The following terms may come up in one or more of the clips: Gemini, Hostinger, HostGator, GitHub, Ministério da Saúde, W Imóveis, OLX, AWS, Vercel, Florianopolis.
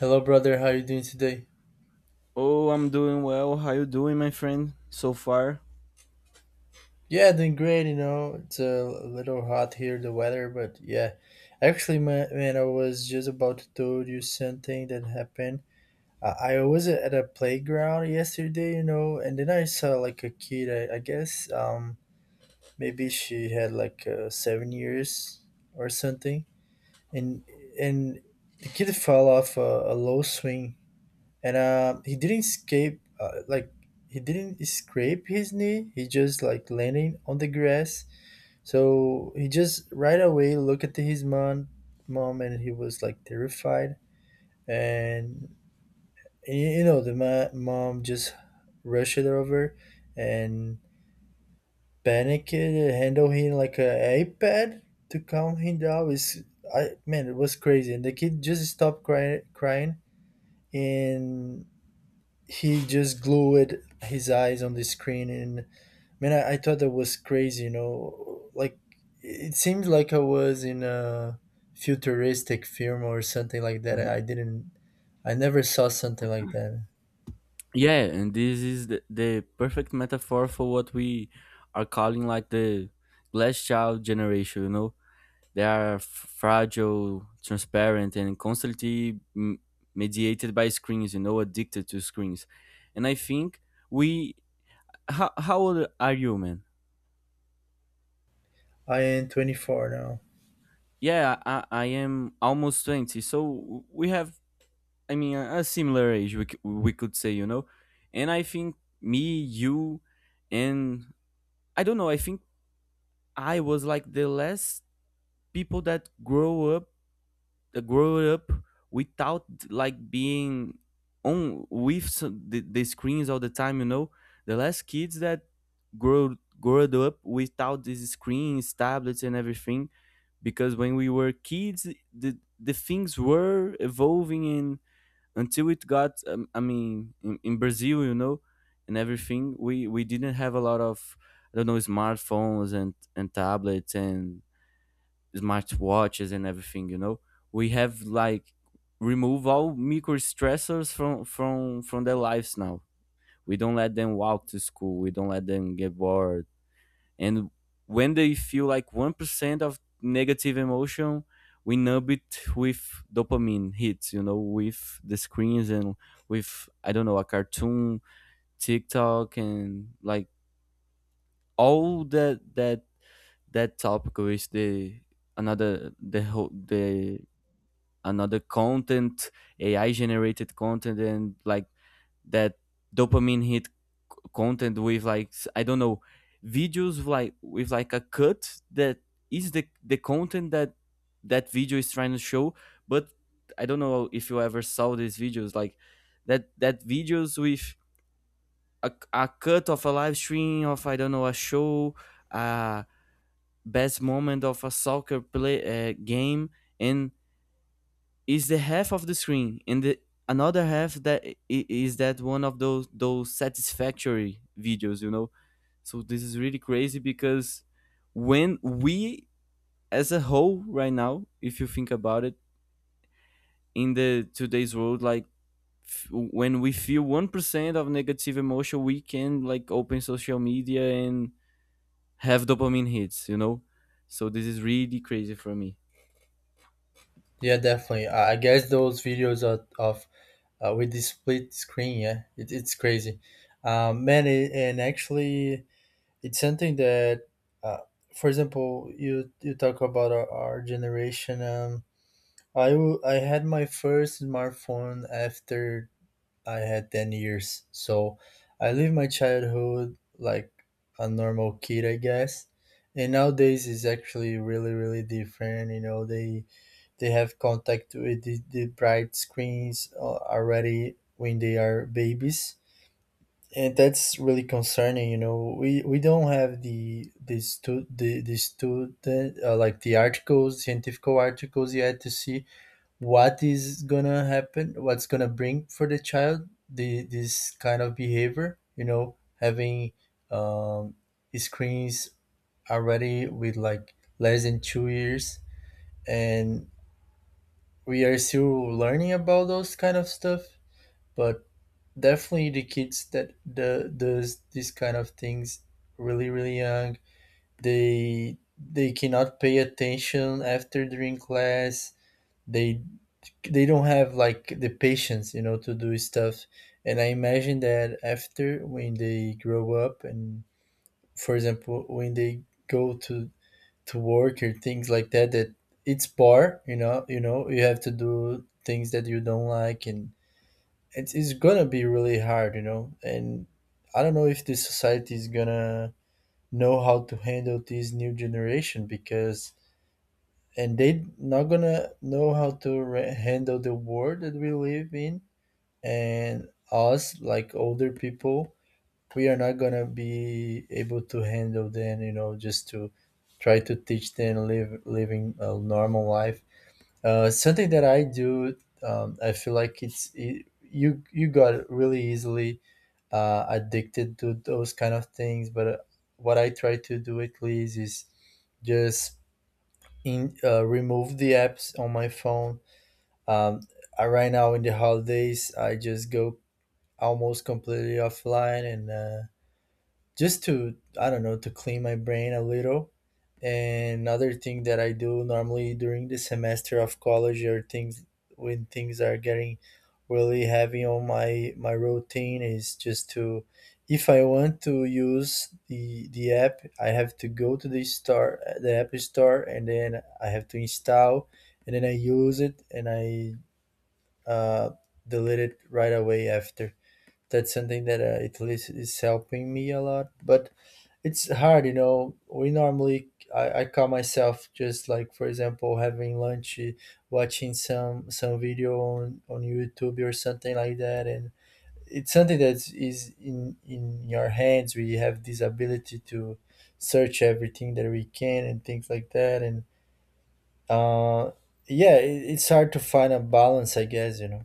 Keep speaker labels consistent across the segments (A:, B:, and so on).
A: Hello, brother. How you doing today?
B: Oh, I'm doing well. How you doing, my friend? So far?
A: Yeah, doing great. You know, it's a little hot here, the weather, but yeah. Actually, man I was just about to tell you something that happened. I was at a playground yesterday, you know, and then I saw like a kid. I guess maybe she had like 7 years or something, and and the kid fell off a low swing and he didn't escape like he didn't scrape his knee, he just like landing on the grass. So he just right away looked at his mom and he was like terrified. And you know, the mom just rushed it over and panicked, handled him like a iPad to calm him down. Is I, man, it was crazy and the kid just stopped crying. And he just glued his eyes on the screen. And man, I thought that was crazy, you know, like it seemed like I was in a futuristic film or something like that.
B: Mhm.
A: I didn't. I never saw something like that.
B: Yeah, and this is the perfect metaphor for what we are calling like the glass child generation, you know? They are fragile, transparent, and constantly mediated by screens, you know, addicted to screens. And I think we. How old are you, man?
A: I am 24 now.
B: Yeah, I am almost 20, so we have I mean, a similar age, we, we could say, you know. And I think me, you, and I don't know. I think I was like the last people that grow up without like being on with some, the screens all the time. You know, the last kids that grow grew up without these screens, tablets, and everything. Because when we were kids, the things were evolving and until it got I mean in Brazil, you know, and everything, we didn't have a lot of, I don't know, smartphones and tablets and smartwatches and everything, you know. We have like remove all micro stressors from their lives now. We don't let them walk to school, we don't let them get bored, and when they feel like 1% of negative emotion, we numb it with dopamine hits, you know, with the screens and with, I don't know, a cartoon, TikTok, and like all that topic is the another, the whole, the another content, AI generated content, and like that dopamine hit content with like, I don't know, videos like with like a cut that is the content that that video is trying to show. But I don't know if you ever saw these videos like that videos with a cut of a live stream of, I don't know, a show, uh, best moment of a soccer play, game, and is the half of the screen and the another half that is that one of those satisfactory videos, you know. So this is really crazy because when we, as a whole right now, if you think about it, in the today's world, like, f- when we feel 1% of negative emotion, we can like open social media and have dopamine hits, you know. So this is really crazy for me.
A: Yeah, definitely. I guess those videos are of with the split screen, yeah, it's crazy. Man, it, and actually it's something that uh, for example, you talk about our generation. I had my first smartphone after I had 10 years. So I lived my childhood like a normal kid, I guess. And nowadays is actually really, really different. You know, they have contact with the bright screens already when they are babies. And that's really concerning, you know. We don't have the student like the articles, scientific articles yet to see what is gonna happen, what's gonna bring for the child the this kind of behavior, you know, having um, screens already with like less than 2 years. And we are still learning about those kind of stuff. But definitely the kids that the does these kind of things really, really young, they cannot pay attention after during class. they they don't have like the patience, you know, to do stuff. And I imagine that after when they grow up and, for example, when they go to work or things like that, that it's bar, you know, you know, you have to do things that you don't like. And it's gonna be really hard, you know. And I don't know if the society is gonna know how to handle this new generation, because and they not gonna know how to handle the world that we live in. And us like older people, we are not gonna be able to handle them, you know, just to try to teach them live living a normal life. Something that I do, I feel like it's it, you got really easily addicted to those kind of things. But what I try to do at least is just in remove the apps on my phone. um, right now in the holidays, I just go almost completely offline. And just to, I don't know, to clean my brain a little. And another thing that I do normally during the semester of college or things, when things are getting really heavy on my my routine, is just to, if I want to use the app, I have to go to the store, the app store, and then I have to install, and then I use it, and I uh, delete it right away after. That's something that at least is helping me a lot, but it's hard, you know. We normally, I call myself, just like for example having lunch, watching some video on YouTube or something like that. And it's something that is in your hands, we have this ability to search everything that we can and things like that. And uh yeah, it's hard to find a balance, I guess, you know.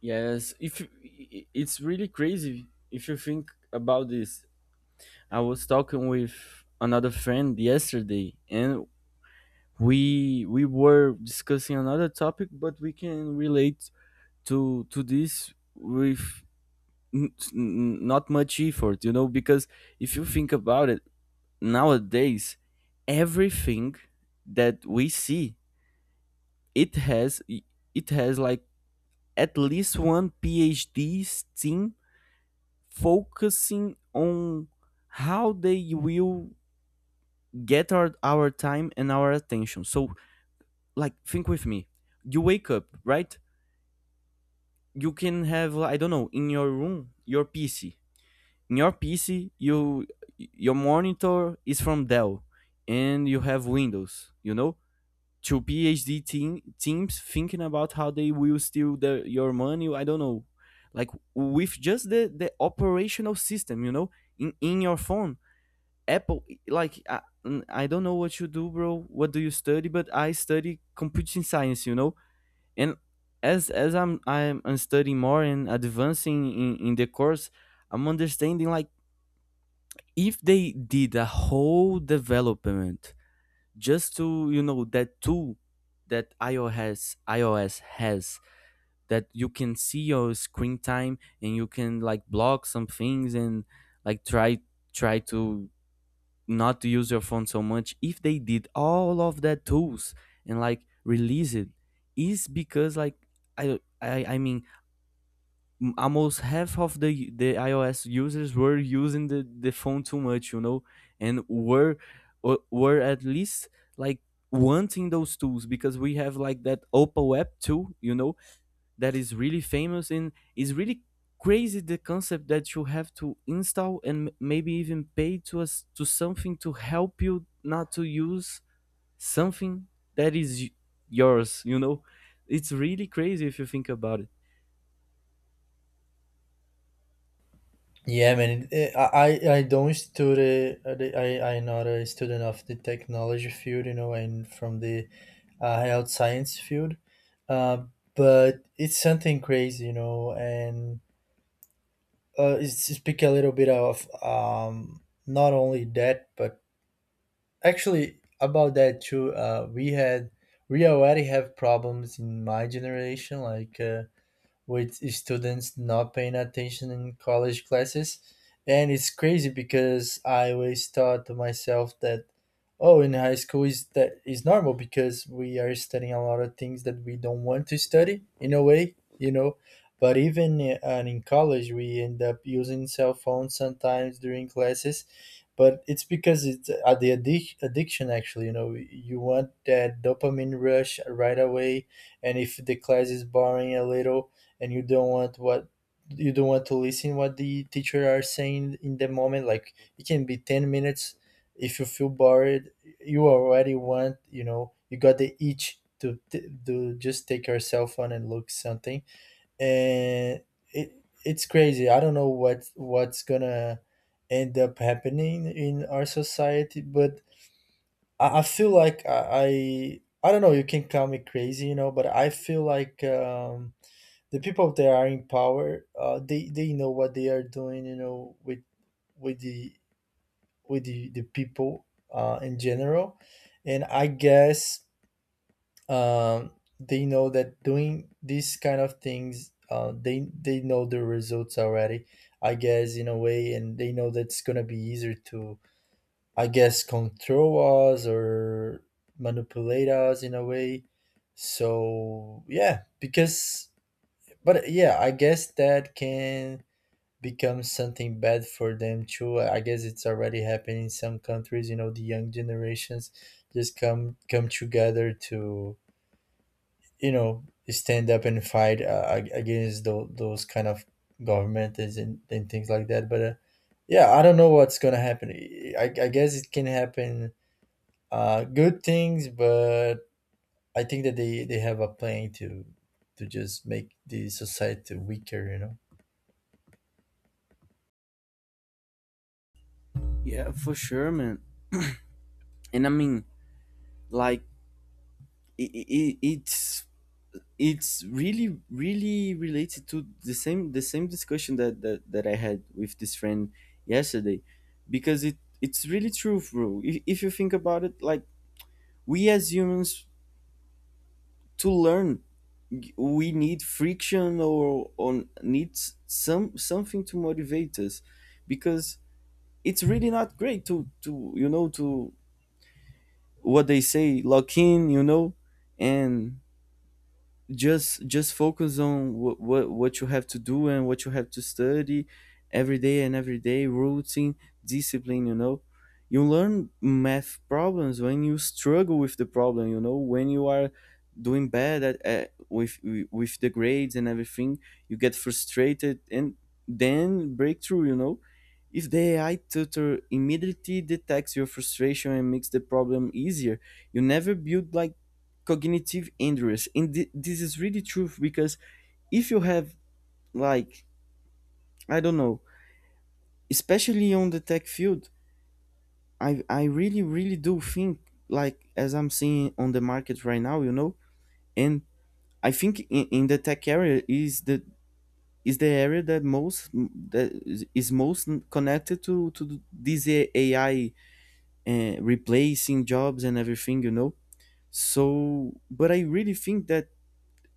B: Yes, if you- I- it's really crazy if you think about this. I was talking with another friend yesterday, and we were discussing another topic, but we can relate to this with not much effort, you know, because if you think about it, nowadays everything that we see it has it has like at least one PhD team focusing on how they will get our time and our attention. So like think with me. You wake up, right? You can have, I don't know, in your room, your PC. In your PC, you, your monitor is from Dell and you have Windows, you know? Two teams thinking about how they will steal your money, I don't know. Like with just the operational system, you know, in your phone, Apple, like I don't know what you do, bro. What do you study? But I study computing science, you know. And as I'm studying more and advancing in the course, I'm understanding like if they did a whole development just to, you know, that tool that iOS has that you can see your screen time and you can like block some things and like try try to not to use your phone so much. If they did all of that tools and like release it, is because like I mean almost half of the iOS users were using the phone too much, you know, and were were at least like wanting those tools, because we have like that oppo app too, you know, that is really famous, and is really crazy the concept that you have to install and maybe even pay to us to something to help you not to use something that is yours, you know. It's really crazy if you think about it.
A: Yeah, man. I don't study. I'm not a student of the technology field, you know, and from the health science field. Uh, but it's something crazy, you know. And it's to speak a little bit of not only that, but actually about that too. We already have problems in my generation, like. With students not paying attention in college classes. And it's crazy because I always thought to myself that, oh, in high school is that is normal, because we are studying a lot of things that we don't want to study in a way, you know. But and in college, we end up using cell phones sometimes during classes. But it's because it's addiction, actually. You know, you want that dopamine rush right away. And if the class is boring a little and you don't want to listen what the teacher are saying in the moment, like it can be 10 minutes. If you feel bored, you already want, you know, you got the itch to to just take your cell phone and look something. And it it's crazy, I don't know what what's gonna end up happening in our society. But I feel like I don't know you can call me crazy, you know, but I feel like the people that are in power, they know what they are doing, you know, with the with the people in general. And I guess um, they know that doing these kind of things, they know the results already, I guess, in a way. And they know that it's gonna be easier to, I guess, control us or manipulate us in a way. So yeah, because, but yeah, I guess that can become something bad for them too. I guess it's already happening in some countries. You know, the young generations just come together to, you know, stand up and fight against those kind of governments and things like that. But yeah, I don't know what's gonna happen. I guess it can happen good things, but I think that they have a plan to just make the society weaker. You know,
B: Yeah, for sure, man. And I mean, like, it it it's it's really really related to the same discussion that that I had with this friend yesterday. Because it it's really true, bro. If you think about it, like, we as humans, to learn, we need friction or on needs some something to motivate us. Because it's really not great to, you know, to, what they say, lock in, you know, and just focus on what you have to do and what you have to study. Every day and every day routine, discipline, you know. You learn math problems when you struggle with the problem, you know, when you are doing bad at with the grades and everything. You get frustrated and then breakthrough, you know. If the AI tutor immediately detects your frustration and makes the problem easier, you never build like cognitive injuries. And this is really true because if you have, like, I don't know, especially on the tech field, I really really do think, like, as I'm seeing on the market right now, you know. And I think in the tech area is the area that most that is most connected to this AI, replacing jobs and everything, you know. So but I really think that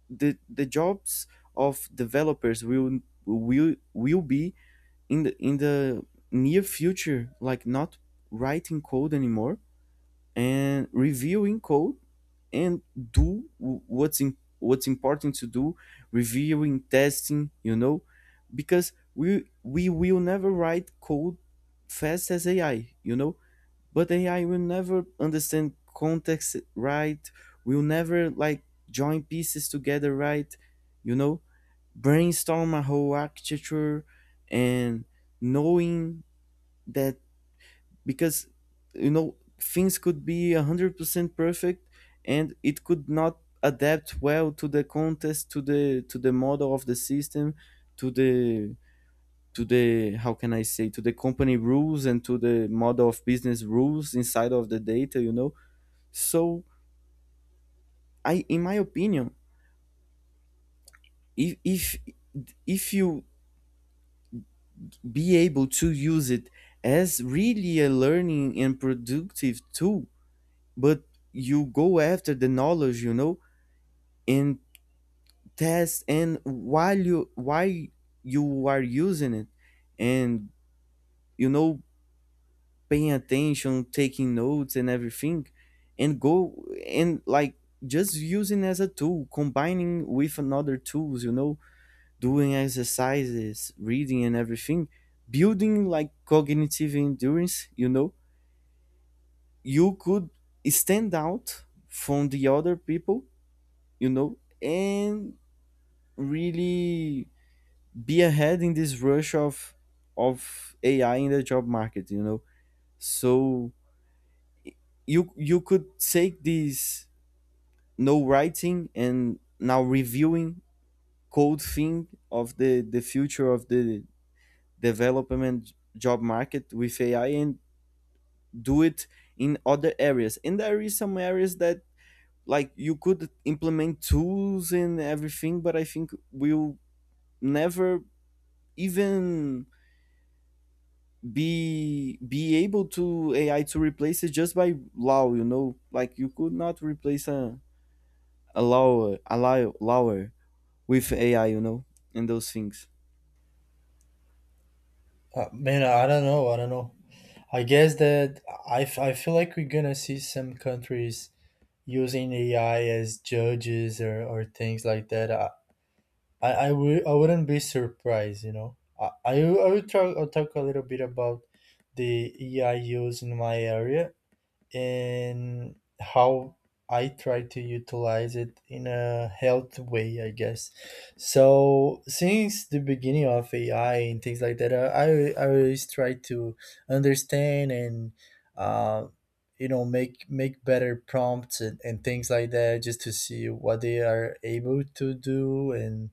B: the jobs of developers will be in the near future like not writing code anymore and reviewing code and do what's in, what's important to do, reviewing, testing, you know. Because we will never write code fast as AI, you know. But AI will never understand context, right, will never like join pieces together, right, you know, brainstorm a whole architecture and knowing that, because, you know, things could be 100% perfect and it could not adapt well to the context, to the model of the system, to the to the, how can I say, to the company rules and to the model of business rules inside of the data, you know. So I, in my opinion, if if if you be able to use it as really a learning and productive tool, but you go after the knowledge, you know, and test, and while you are using it, and, you know, paying attention, taking notes and everything, and go and like just using as a tool, combining with another tools, you know, doing exercises, reading and everything, building like cognitive endurance, you know, you could stand out from the other people, you know, and really be ahead in this rush of AI in the job market, you know. So you could take this no writing and now reviewing code thing of the future of the development job market with AI and do it in other areas. And there is some areas that, like, you could implement tools and everything, but I think we'll never even be able to AI to replace it, just by law, you know. Like you could not replace a lawyer, a lawyer with AI, you know, and those things.
A: man, I don't know. I don't know. I guess that I feel like we're gonna see some countries using AI as judges or things like that. I wouldn't be surprised, you know. I will talk, I'll talk a little bit about the AI use in my area and how I try to utilize it in a health way, I guess. So since the beginning of AI and things like that, I always try to understand and uh, you know, make make better prompts and things like that, just to see what they are able to do. And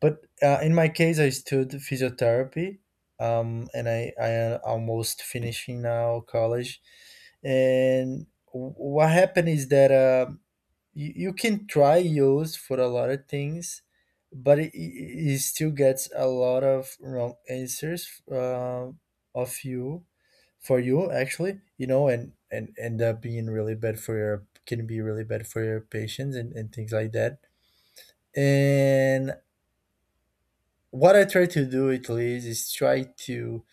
A: but in my case, I stood physiotherapy, and I am almost finishing now college. And what happened is that you can try yours for a lot of things, but it still gets a lot of wrong answers of you for you actually, you know. And end up being really bad for your, can be really bad for your patients and things like that. And what I try to do at least is try to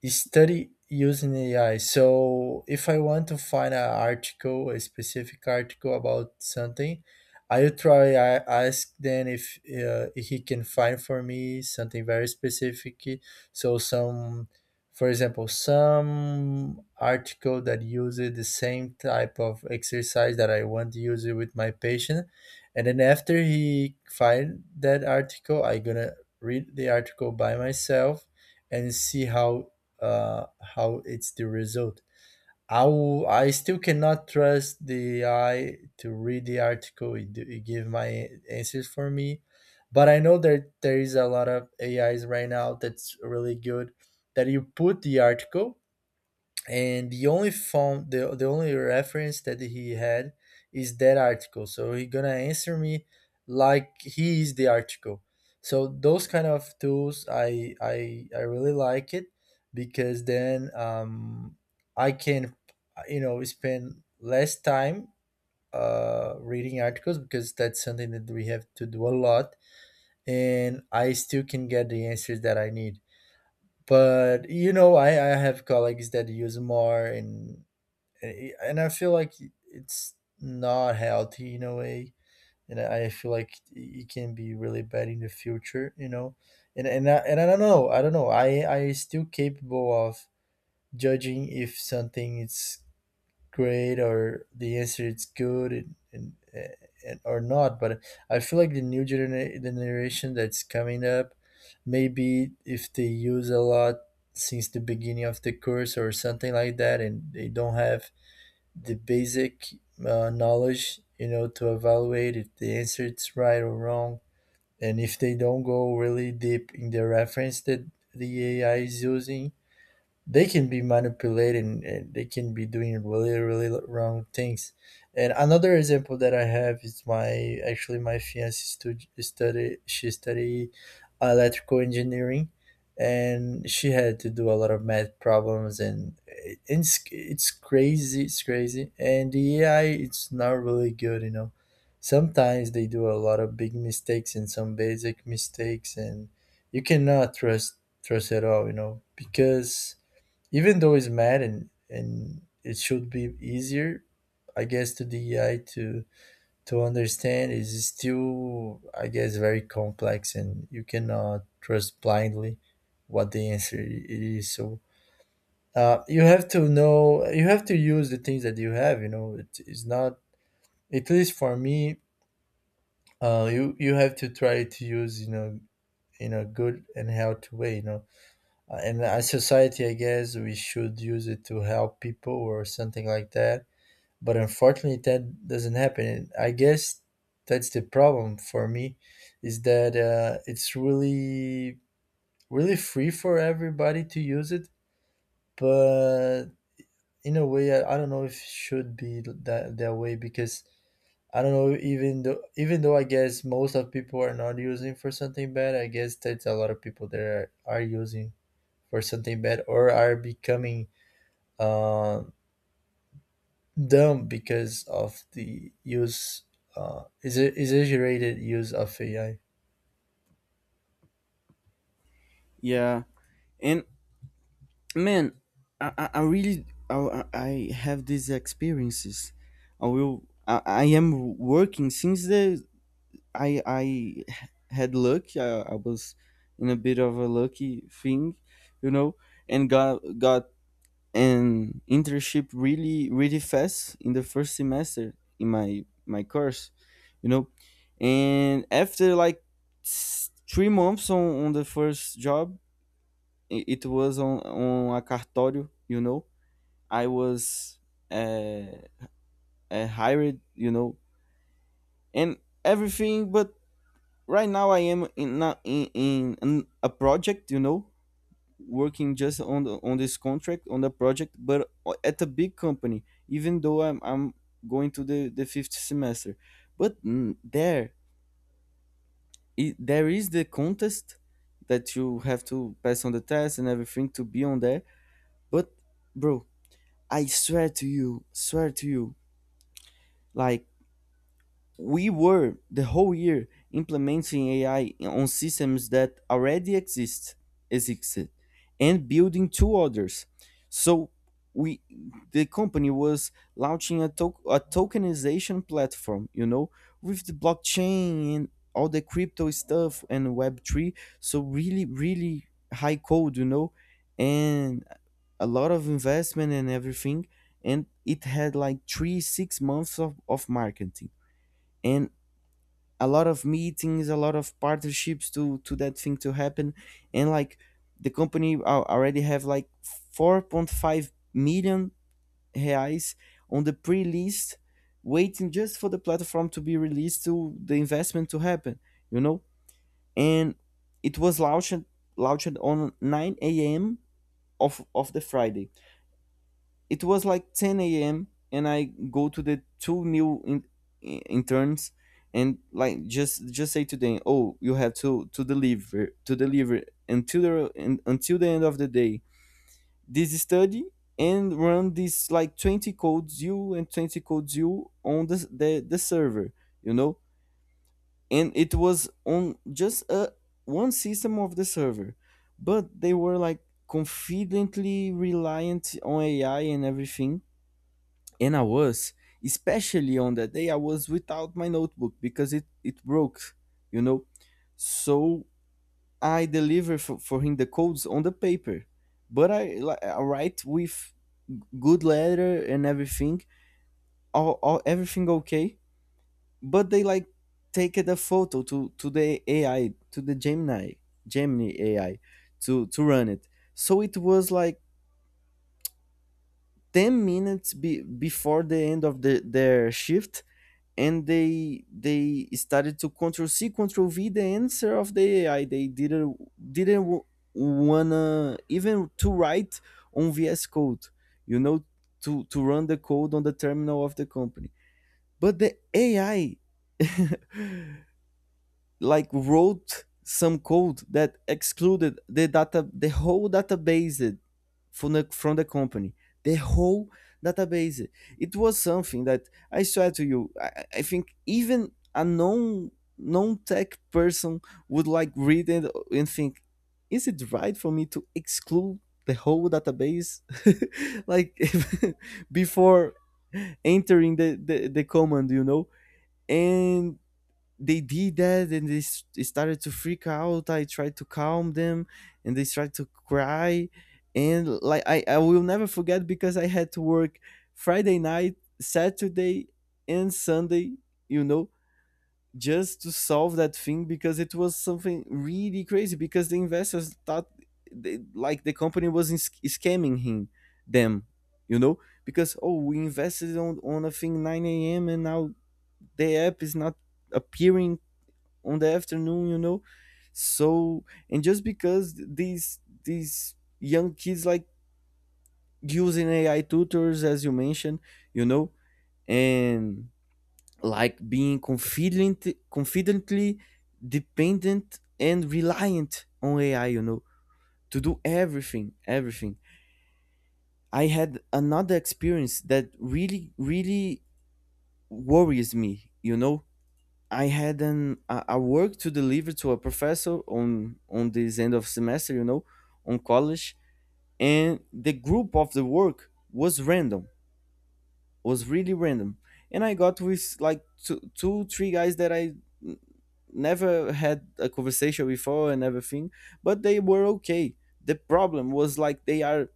A: you study using AI. So if I want to find an article, a specific article about something, I ask then if he can find for me something very specific. So some, for example, some article that uses the same type of exercise that I want to use it with my patient, and then after he find that article, I gonna read the article by myself and see how it's the result. I will, I still cannot trust the AI to read the article, it give my answers for me, but I know that there is a lot of AIs right now that's really good, that you put the article and the only phone the only reference that he had is that article, so he gonna answer me like he is the article. So those kind of tools, I really like it, because then I can, you know, spend less time reading articles, because that's something that we have to do a lot. And I still can get the answers that I need. But you know, I have colleagues that use more. And and I feel like it's not healthy in a way, and I feel like it can be really bad in the future, you know. And and I don't know, I don't know. I still capable of judging if something is great or the answer is good and or not. But I feel like the the generation that's coming up, maybe if they use a lot since the beginning of the course or something like that, and they don't have the basic knowledge, you know, to evaluate if the answer is right or wrong, and if they don't go really deep in the reference that the AI is using, they can be manipulating and they can be doing really, really wrong things. And another example that I have is my, actually my fiance study electrical engineering, and she had to do a lot of math problems, and it's crazy, it's crazy. And the AI, it's not really good, you know, sometimes they do a lot of big mistakes and some basic mistakes, and you cannot trust at all, you know, because even though it's mad, and it should be easier, I guess, to the AI to understand, is still, I guess, very complex, and you cannot trust blindly what the answer I- it is. So you have to know, you have to use the things that you have, you know. It is not, at least for me, you have to try to use, you know, in a good and healthy way, you know. And as society, I guess we should use it to help people or something like that. But unfortunately, that doesn't happen. And I guess that's the problem for me, is that it's really, really free for everybody to use it. But in a way, I don't know if it should be that, that way, because I don't know, even though I guess most of people are not using for something bad, I guess that's a lot of people that are using for something bad or are becoming uh, dumb because of the use, exaggerated use of AI.
B: Yeah. And, man, I really, I, I have these experiences. I am working since the I had luck. I was in a bit of a lucky thing, you know, and got an internship really really fast in the first semester in my my course, you know. And after like 3 months on the first job, it was on a cartório, you know. I was, uh, hired, you know, and everything. But right now I am in a project, you know, working just on the, on this contract on the project, but at a big company. Even though I'm going to the fifth semester, but, mm, there I there is the contest that you have to pass on the test and everything to be on there. But, bro, I swear to you, like, we were the whole year implementing AI on systems that already existed and building two others. So we, the company was launching a, a tokenization platform, you know, with the blockchain and all the crypto stuff and web3. So really really high code, you know, and a lot of investment and everything. And it had like 3 6 months of marketing and a lot of meetings, a lot of partnerships to that thing to happen. And like the company already have like 4.5 million reais on the pre-list, waiting just for the platform to be released to the investment to happen, you know. And it was launched on 9 a.m. of the Friday. It was like 10 a.m, and I go to the two new interns and like just say to them, oh, you have to deliver until until the end of the day this study, and run this like 20 codes you and 20 codes you on the the server, you know. And it was on just a one system of the server, but they were like confidently reliant on ai and everything. And I was, especially on that day, I was without my notebook because it broke, you know. So I deliver for him the codes on the paper. But I, I write with good letter and everything, all everything okay. But they like take the photo to the AI, to the Gemini, Gemini AI to run it. So it was like 10 minutes before the end of the, their shift. And they started to control c control v the answer of the ai. They didn't wanna even to write on vs code, you know, to run the code on the terminal of the company. But the ai like wrote some code that excluded the data, the whole database from the company, the whole database. It was something that I swear to you, I think even a non tech person would like read it and think, is it right for me to exclude the whole database? like before entering the command, you know? And they did that and they started to freak out. I tried to calm them, and they started to cry. And like I will never forget because I had to work Friday night, Saturday, and Sunday, you know, just to solve that thing because it was something really crazy because the investors thought they, like the company was in, scamming him, them, you know, because, oh, we invested on a thing 9 a.m and now the app is not appearing on the afternoon, so. And just because these young kids like using ai tutors, as you mentioned, you know. And like being confidently dependent and reliant on ai, you know, to do everything. I had another experience that really worries me, you know. I had a work to deliver to a professor on this end of semester, you know, on college, and the group of the work was random, was really random, and I got with like two three guys that I n- never had a conversation before and everything, but they were okay. The problem was like they are.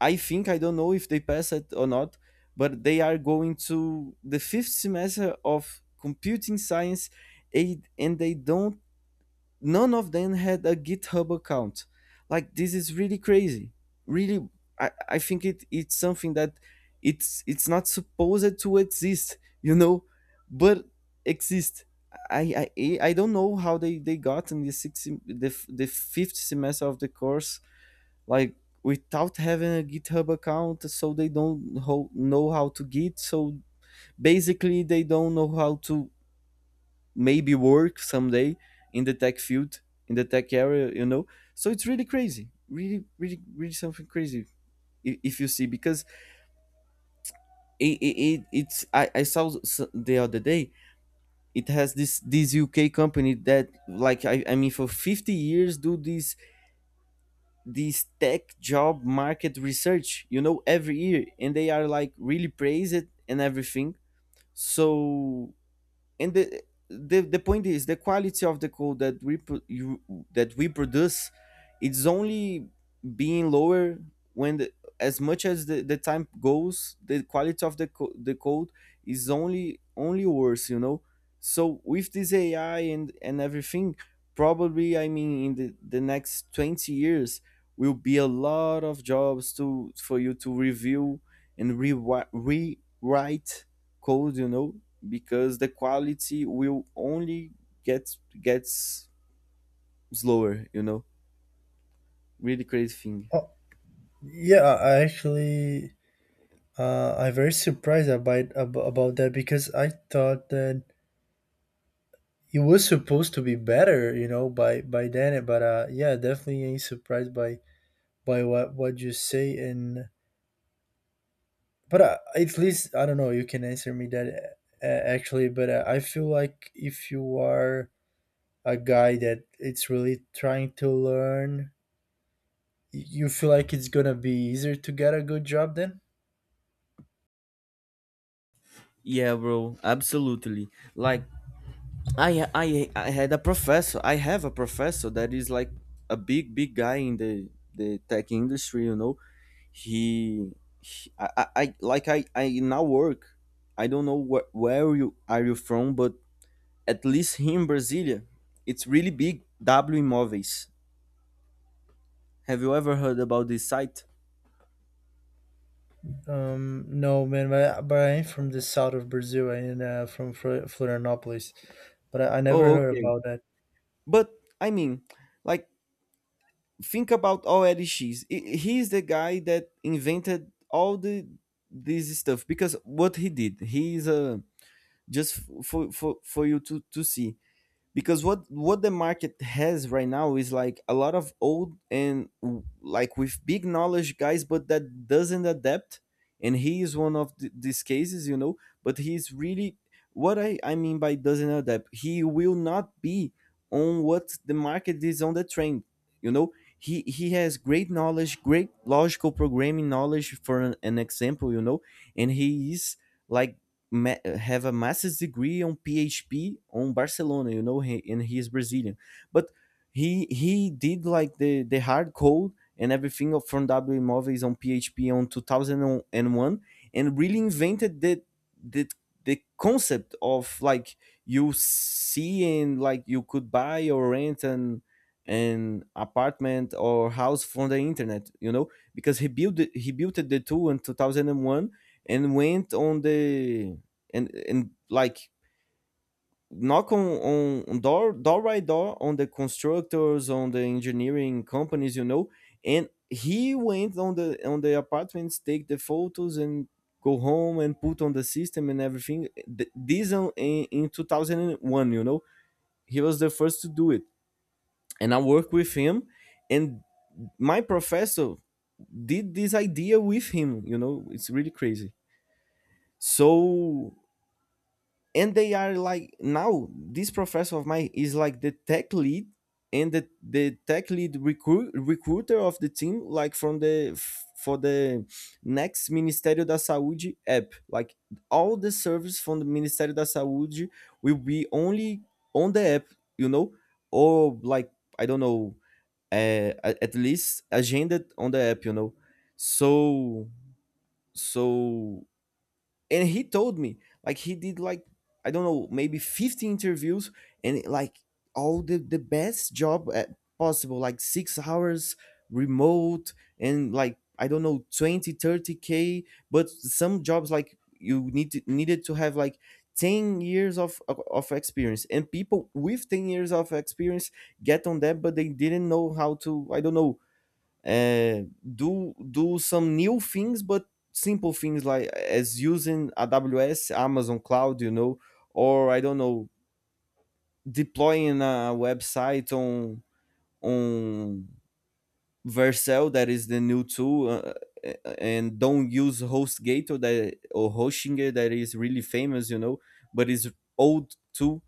B: I think I don't know if they pass it or not, but they are going to the fifth semester of computing science, aid, and they don't. None of them had a github account. Like, this is really crazy, really. I think it, it's something that it's not supposed to exist, you know, but exist. I don't know how they got in the fifth semester of the course like without having a github account, so they don't know how to git, so basically they don't know how to maybe work someday in the tech field, in the tech area, you know. So it's really crazy, really really really something crazy. If you see, because it it's, I saw the other day, it has this this UK company that like, I mean, for 50 years do this this tech job market research, you know, every year, and they are like really praised and everything. So and the the point is the quality of the code that we that we produce, it's only being lower when the, as much as the time goes, the quality of the code is only only worse, you know. So with this ai and everything, probably, I mean, in the next 20 years will be a lot of jobs to for you to review and rewrite code, you know, because the quality will only gets slower, you know. Really crazy thing.
A: Oh, yeah, I actually, I'm very surprised about that because I thought that it was supposed to be better, you know, by then. But yeah, definitely ain't surprised by what you say. And but at least I don't know. You can answer me that actually. But I feel like if you are a guy that it's really trying to learn, you feel like it's gonna be easier to get a good job then?
B: Yeah, bro, absolutely. Like, I had a professor, I have a professor that is like a big guy in the tech industry, you know. He, I, like I now work, I don't know where you are you from, but at least here in Brasilia, it's really big W Imóveis. Have you ever heard about this site?
A: No, man, but I am from the south of Brazil and from Florianopolis, but I never
B: Oh,
A: heard
B: okay.
A: about that.
B: But I mean, like, think about OLX. He's the guy that invented all the this stuff because what he did, he's a just for you to see, because what the market has right now is like a lot of old and like with big knowledge guys but that doesn't adapt, and he is one of these cases, you know. But he's really, what I mean by doesn't adapt, he will not be on what the market is on the trend, you know. He has great knowledge, great logical programming knowledge for an example, you know. And he is like have a master's degree on PHP on Barcelona, you know, he, and he is Brazilian. But he did like the hard code and everything of from W Movies on PHP on 2001, and really invented the the concept of like you see and like you could buy or rent an apartment or house from the internet, you know, because he built he built the tool in 2001 and went on the and like knock on, on door by door on the constructors on the engineering companies, you know. And he went on the apartments, take the photos and go home and put on the system and everything. This on, in 2001, you know, he was the first to do it. And I worked with him and my professor did this idea with him, you know. It's really crazy. So, and they are like now this professor of mine is like the tech lead and the tech lead recruiter of the team, like from for the next Ministério da Saúde app, like all the service from the Ministério da Saúde will be only on the app, you know, or like, I don't know, at least agended on the app, you know. So so and he told me like he did like, I don't know, maybe 50 interviews, and like all the best job at possible like 6 hours remote and like, I don't know, 20 30k. But some jobs like you need to, needed to have like 10 years of, of experience, and people with 10 years of experience get on that, but they didn't know how to, I don't know, do do some new things, but simple things like as using AWS, Amazon Cloud, you know, or I don't know, deploying a website on Vercel, that is the new tool, and don't use HostGator that or Hostinger that is really famous, you know, but is old tool.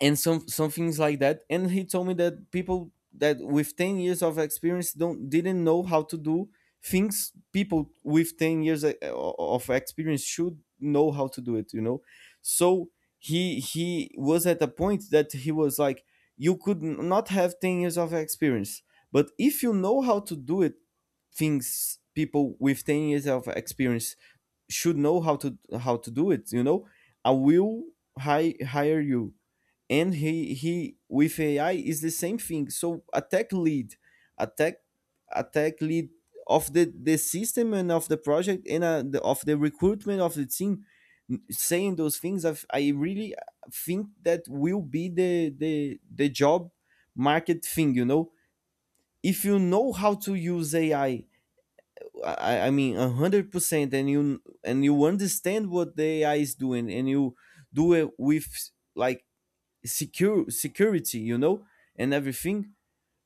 B: And some things like that, and he told me that people that with 10 years of experience don't didn't know how to do things people with 10 years of experience should know how to do it, you know. So he was at a point that he was like, you could not have 10 years of experience, but if you know how to do it things people with 10 years of experience should know how to do it, you know, I will hire you. And he with AI is the same thing. So a tech lead, a tech, a tech lead of the system and of the project and the, of the recruitment of the team saying those things, I really think that will be the the job market thing, you know. If you know how to use ai, I mean 100%, and you understand what the ai is doing, and you do it with like secure security, you know, and everything,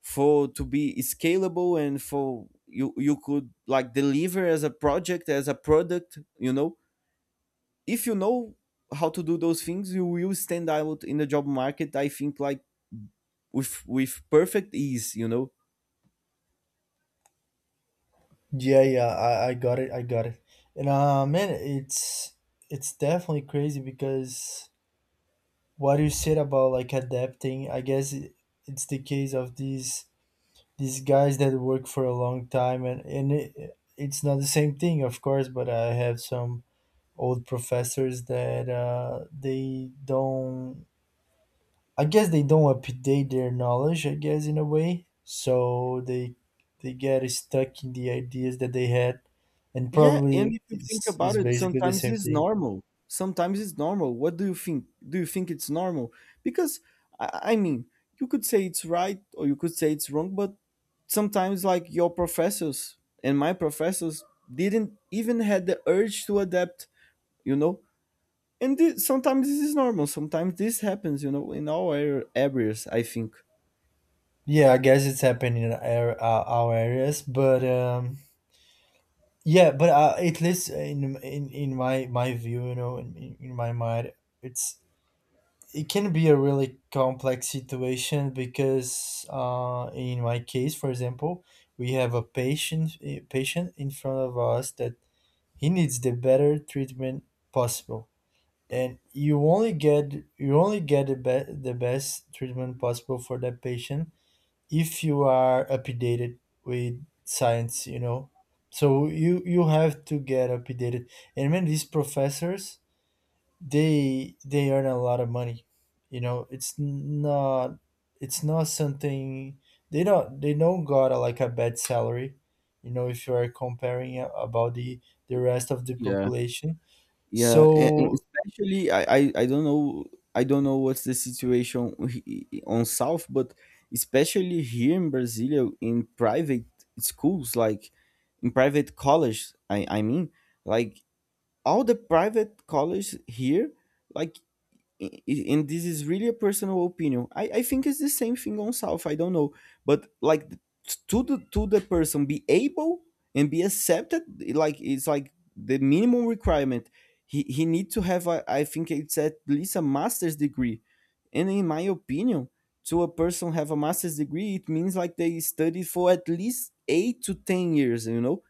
B: for to be scalable and for you you could like deliver as a project, as a product, you know. If you know how to do those things, you will stand out in the job market, I think, like, with perfect ease, you know.
A: Yeah, yeah, I got it, I got it. And man, it's definitely crazy because what you said about like adapting, I guess it, it's the case of these guys that work for a long time, and it, it's not the same thing, of course, but I have some old professors that they don't, I guess they don't update their knowledge, I guess, in a way, so they get stuck in the ideas that they had, and
B: Yeah, and
A: probably
B: if you think about
A: it's
B: it,
A: basically the
B: sometimes
A: same
B: it's
A: thing.
B: normal. Sometimes it's normal. What do you think? Do you think it's normal? Because I mean, you could say it's right or you could say it's wrong, but sometimes, like, your professors and my professors didn't even had the urge to adapt, you know? And sometimes this is normal. Sometimes this happens, you know, in all areas, I think.
A: Yeah, I guess it's happening in our areas, but yeah, but at least in my view, you know, in my mind, it's it can be a really complex situation because in my case, for example, we have a patient in front of us that he needs the better treatment possible, and you only get the, the best treatment possible for that patient if you are updated with science, you know. So you have to get updated. And when these professors, they earn a lot of money, you know. It's not, it's not something, they don't got a, like a bad salary, you know, if you are comparing about the rest of the
B: Yeah.
A: population.
B: Yeah, and
A: So
B: especially I, I don't know, I don't know what's the situation on South, but especially here in Brazil in private schools, like in private college, I mean, like, all the private college here, like and this is really a personal opinion. I think it's the same thing on South, I don't know, but like, to the person be able and be accepted, like it's like the minimum requirement. He need to have a, I think it's at least a master's degree, and in my opinion, to a person have a master's degree, it means like they studied for at least 8 to 10 years. You know,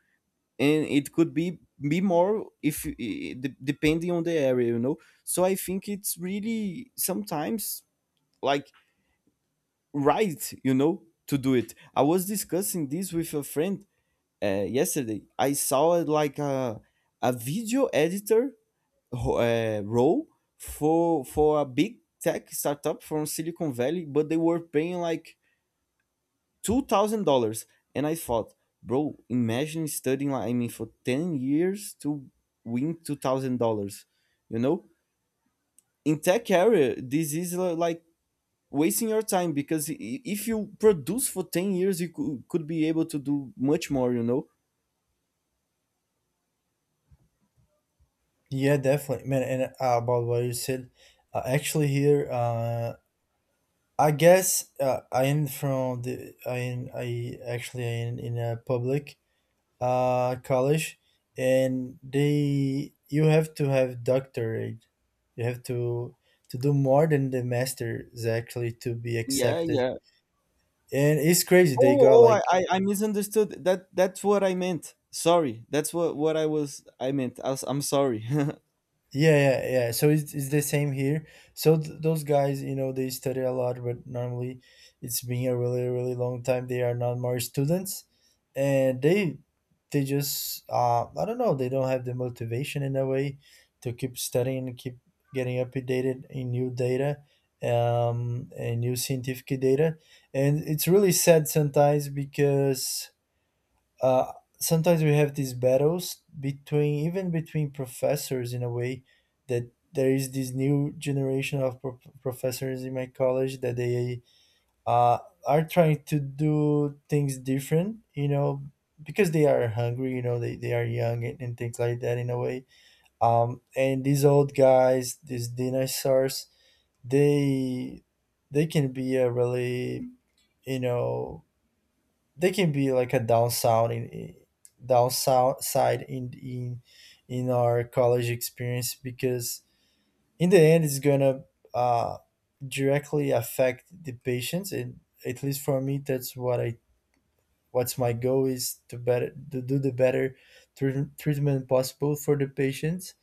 B: and it could be more if depending on the area, you know. So I think it's really sometimes like right, you know, to do it. I was discussing this with a friend yesterday. I saw it like a video editor role for a big tech startup from Silicon Valley, but they were paying like $2,000, and I thought, bro, imagine studying like, I mean for 10 years to win $2,000, you know. In tech area, this is like wasting your time because if you produce for 10 years, you could be able to do much more, you know.
A: yeah, definitely, man. And about what you said, actually here I guess I am from the I am I actually I am in a public college, and they you have to have doctorate. You have to do more than the master's, actually, to be
B: Yeah,
A: accepted.
B: yeah.
A: And it's crazy. They
B: Oh,
A: got
B: oh,
A: like
B: I misunderstood that. That's what I meant, sorry. That's what I meant. I was, I'm sorry.
A: yeah, yeah, yeah. So it's the same here. So those guys, you know, they study a lot, but normally it's been a really, really long time. They are not more students, and they just I don't know. They don't have the motivation in a way to keep studying and keep getting updated in new data, and new scientific data. And it's really sad sometimes because uh, sometimes we have these battles between, even between professors in a way, that there is this new generation of professors in my college that they uh, are trying to do things different, you know, because they are hungry, you know, they are young, and things like that in a way. And these old guys, these dinosaurs, they can be a really, you know, they can be like a downside in downside in in in our college experience, because in the end it's gonna uh, directly affect the patients. And at least for me, that's what I, what's my goal, is to better to do the better treatment possible for the patients.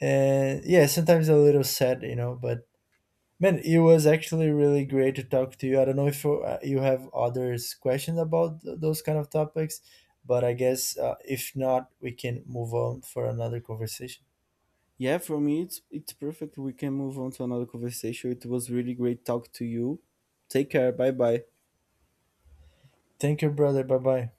A: And yeah, sometimes a little sad, you know, but man, it was actually really great to talk to you. I don't know if you, you have others questions about those kind of topics, but I guess if not, we can move on for another conversation.
B: Yeah, for me it's perfect. We can move on to another conversation. It was really great talk to you. Take care. Bye bye.
A: Thank you, brother. Bye bye.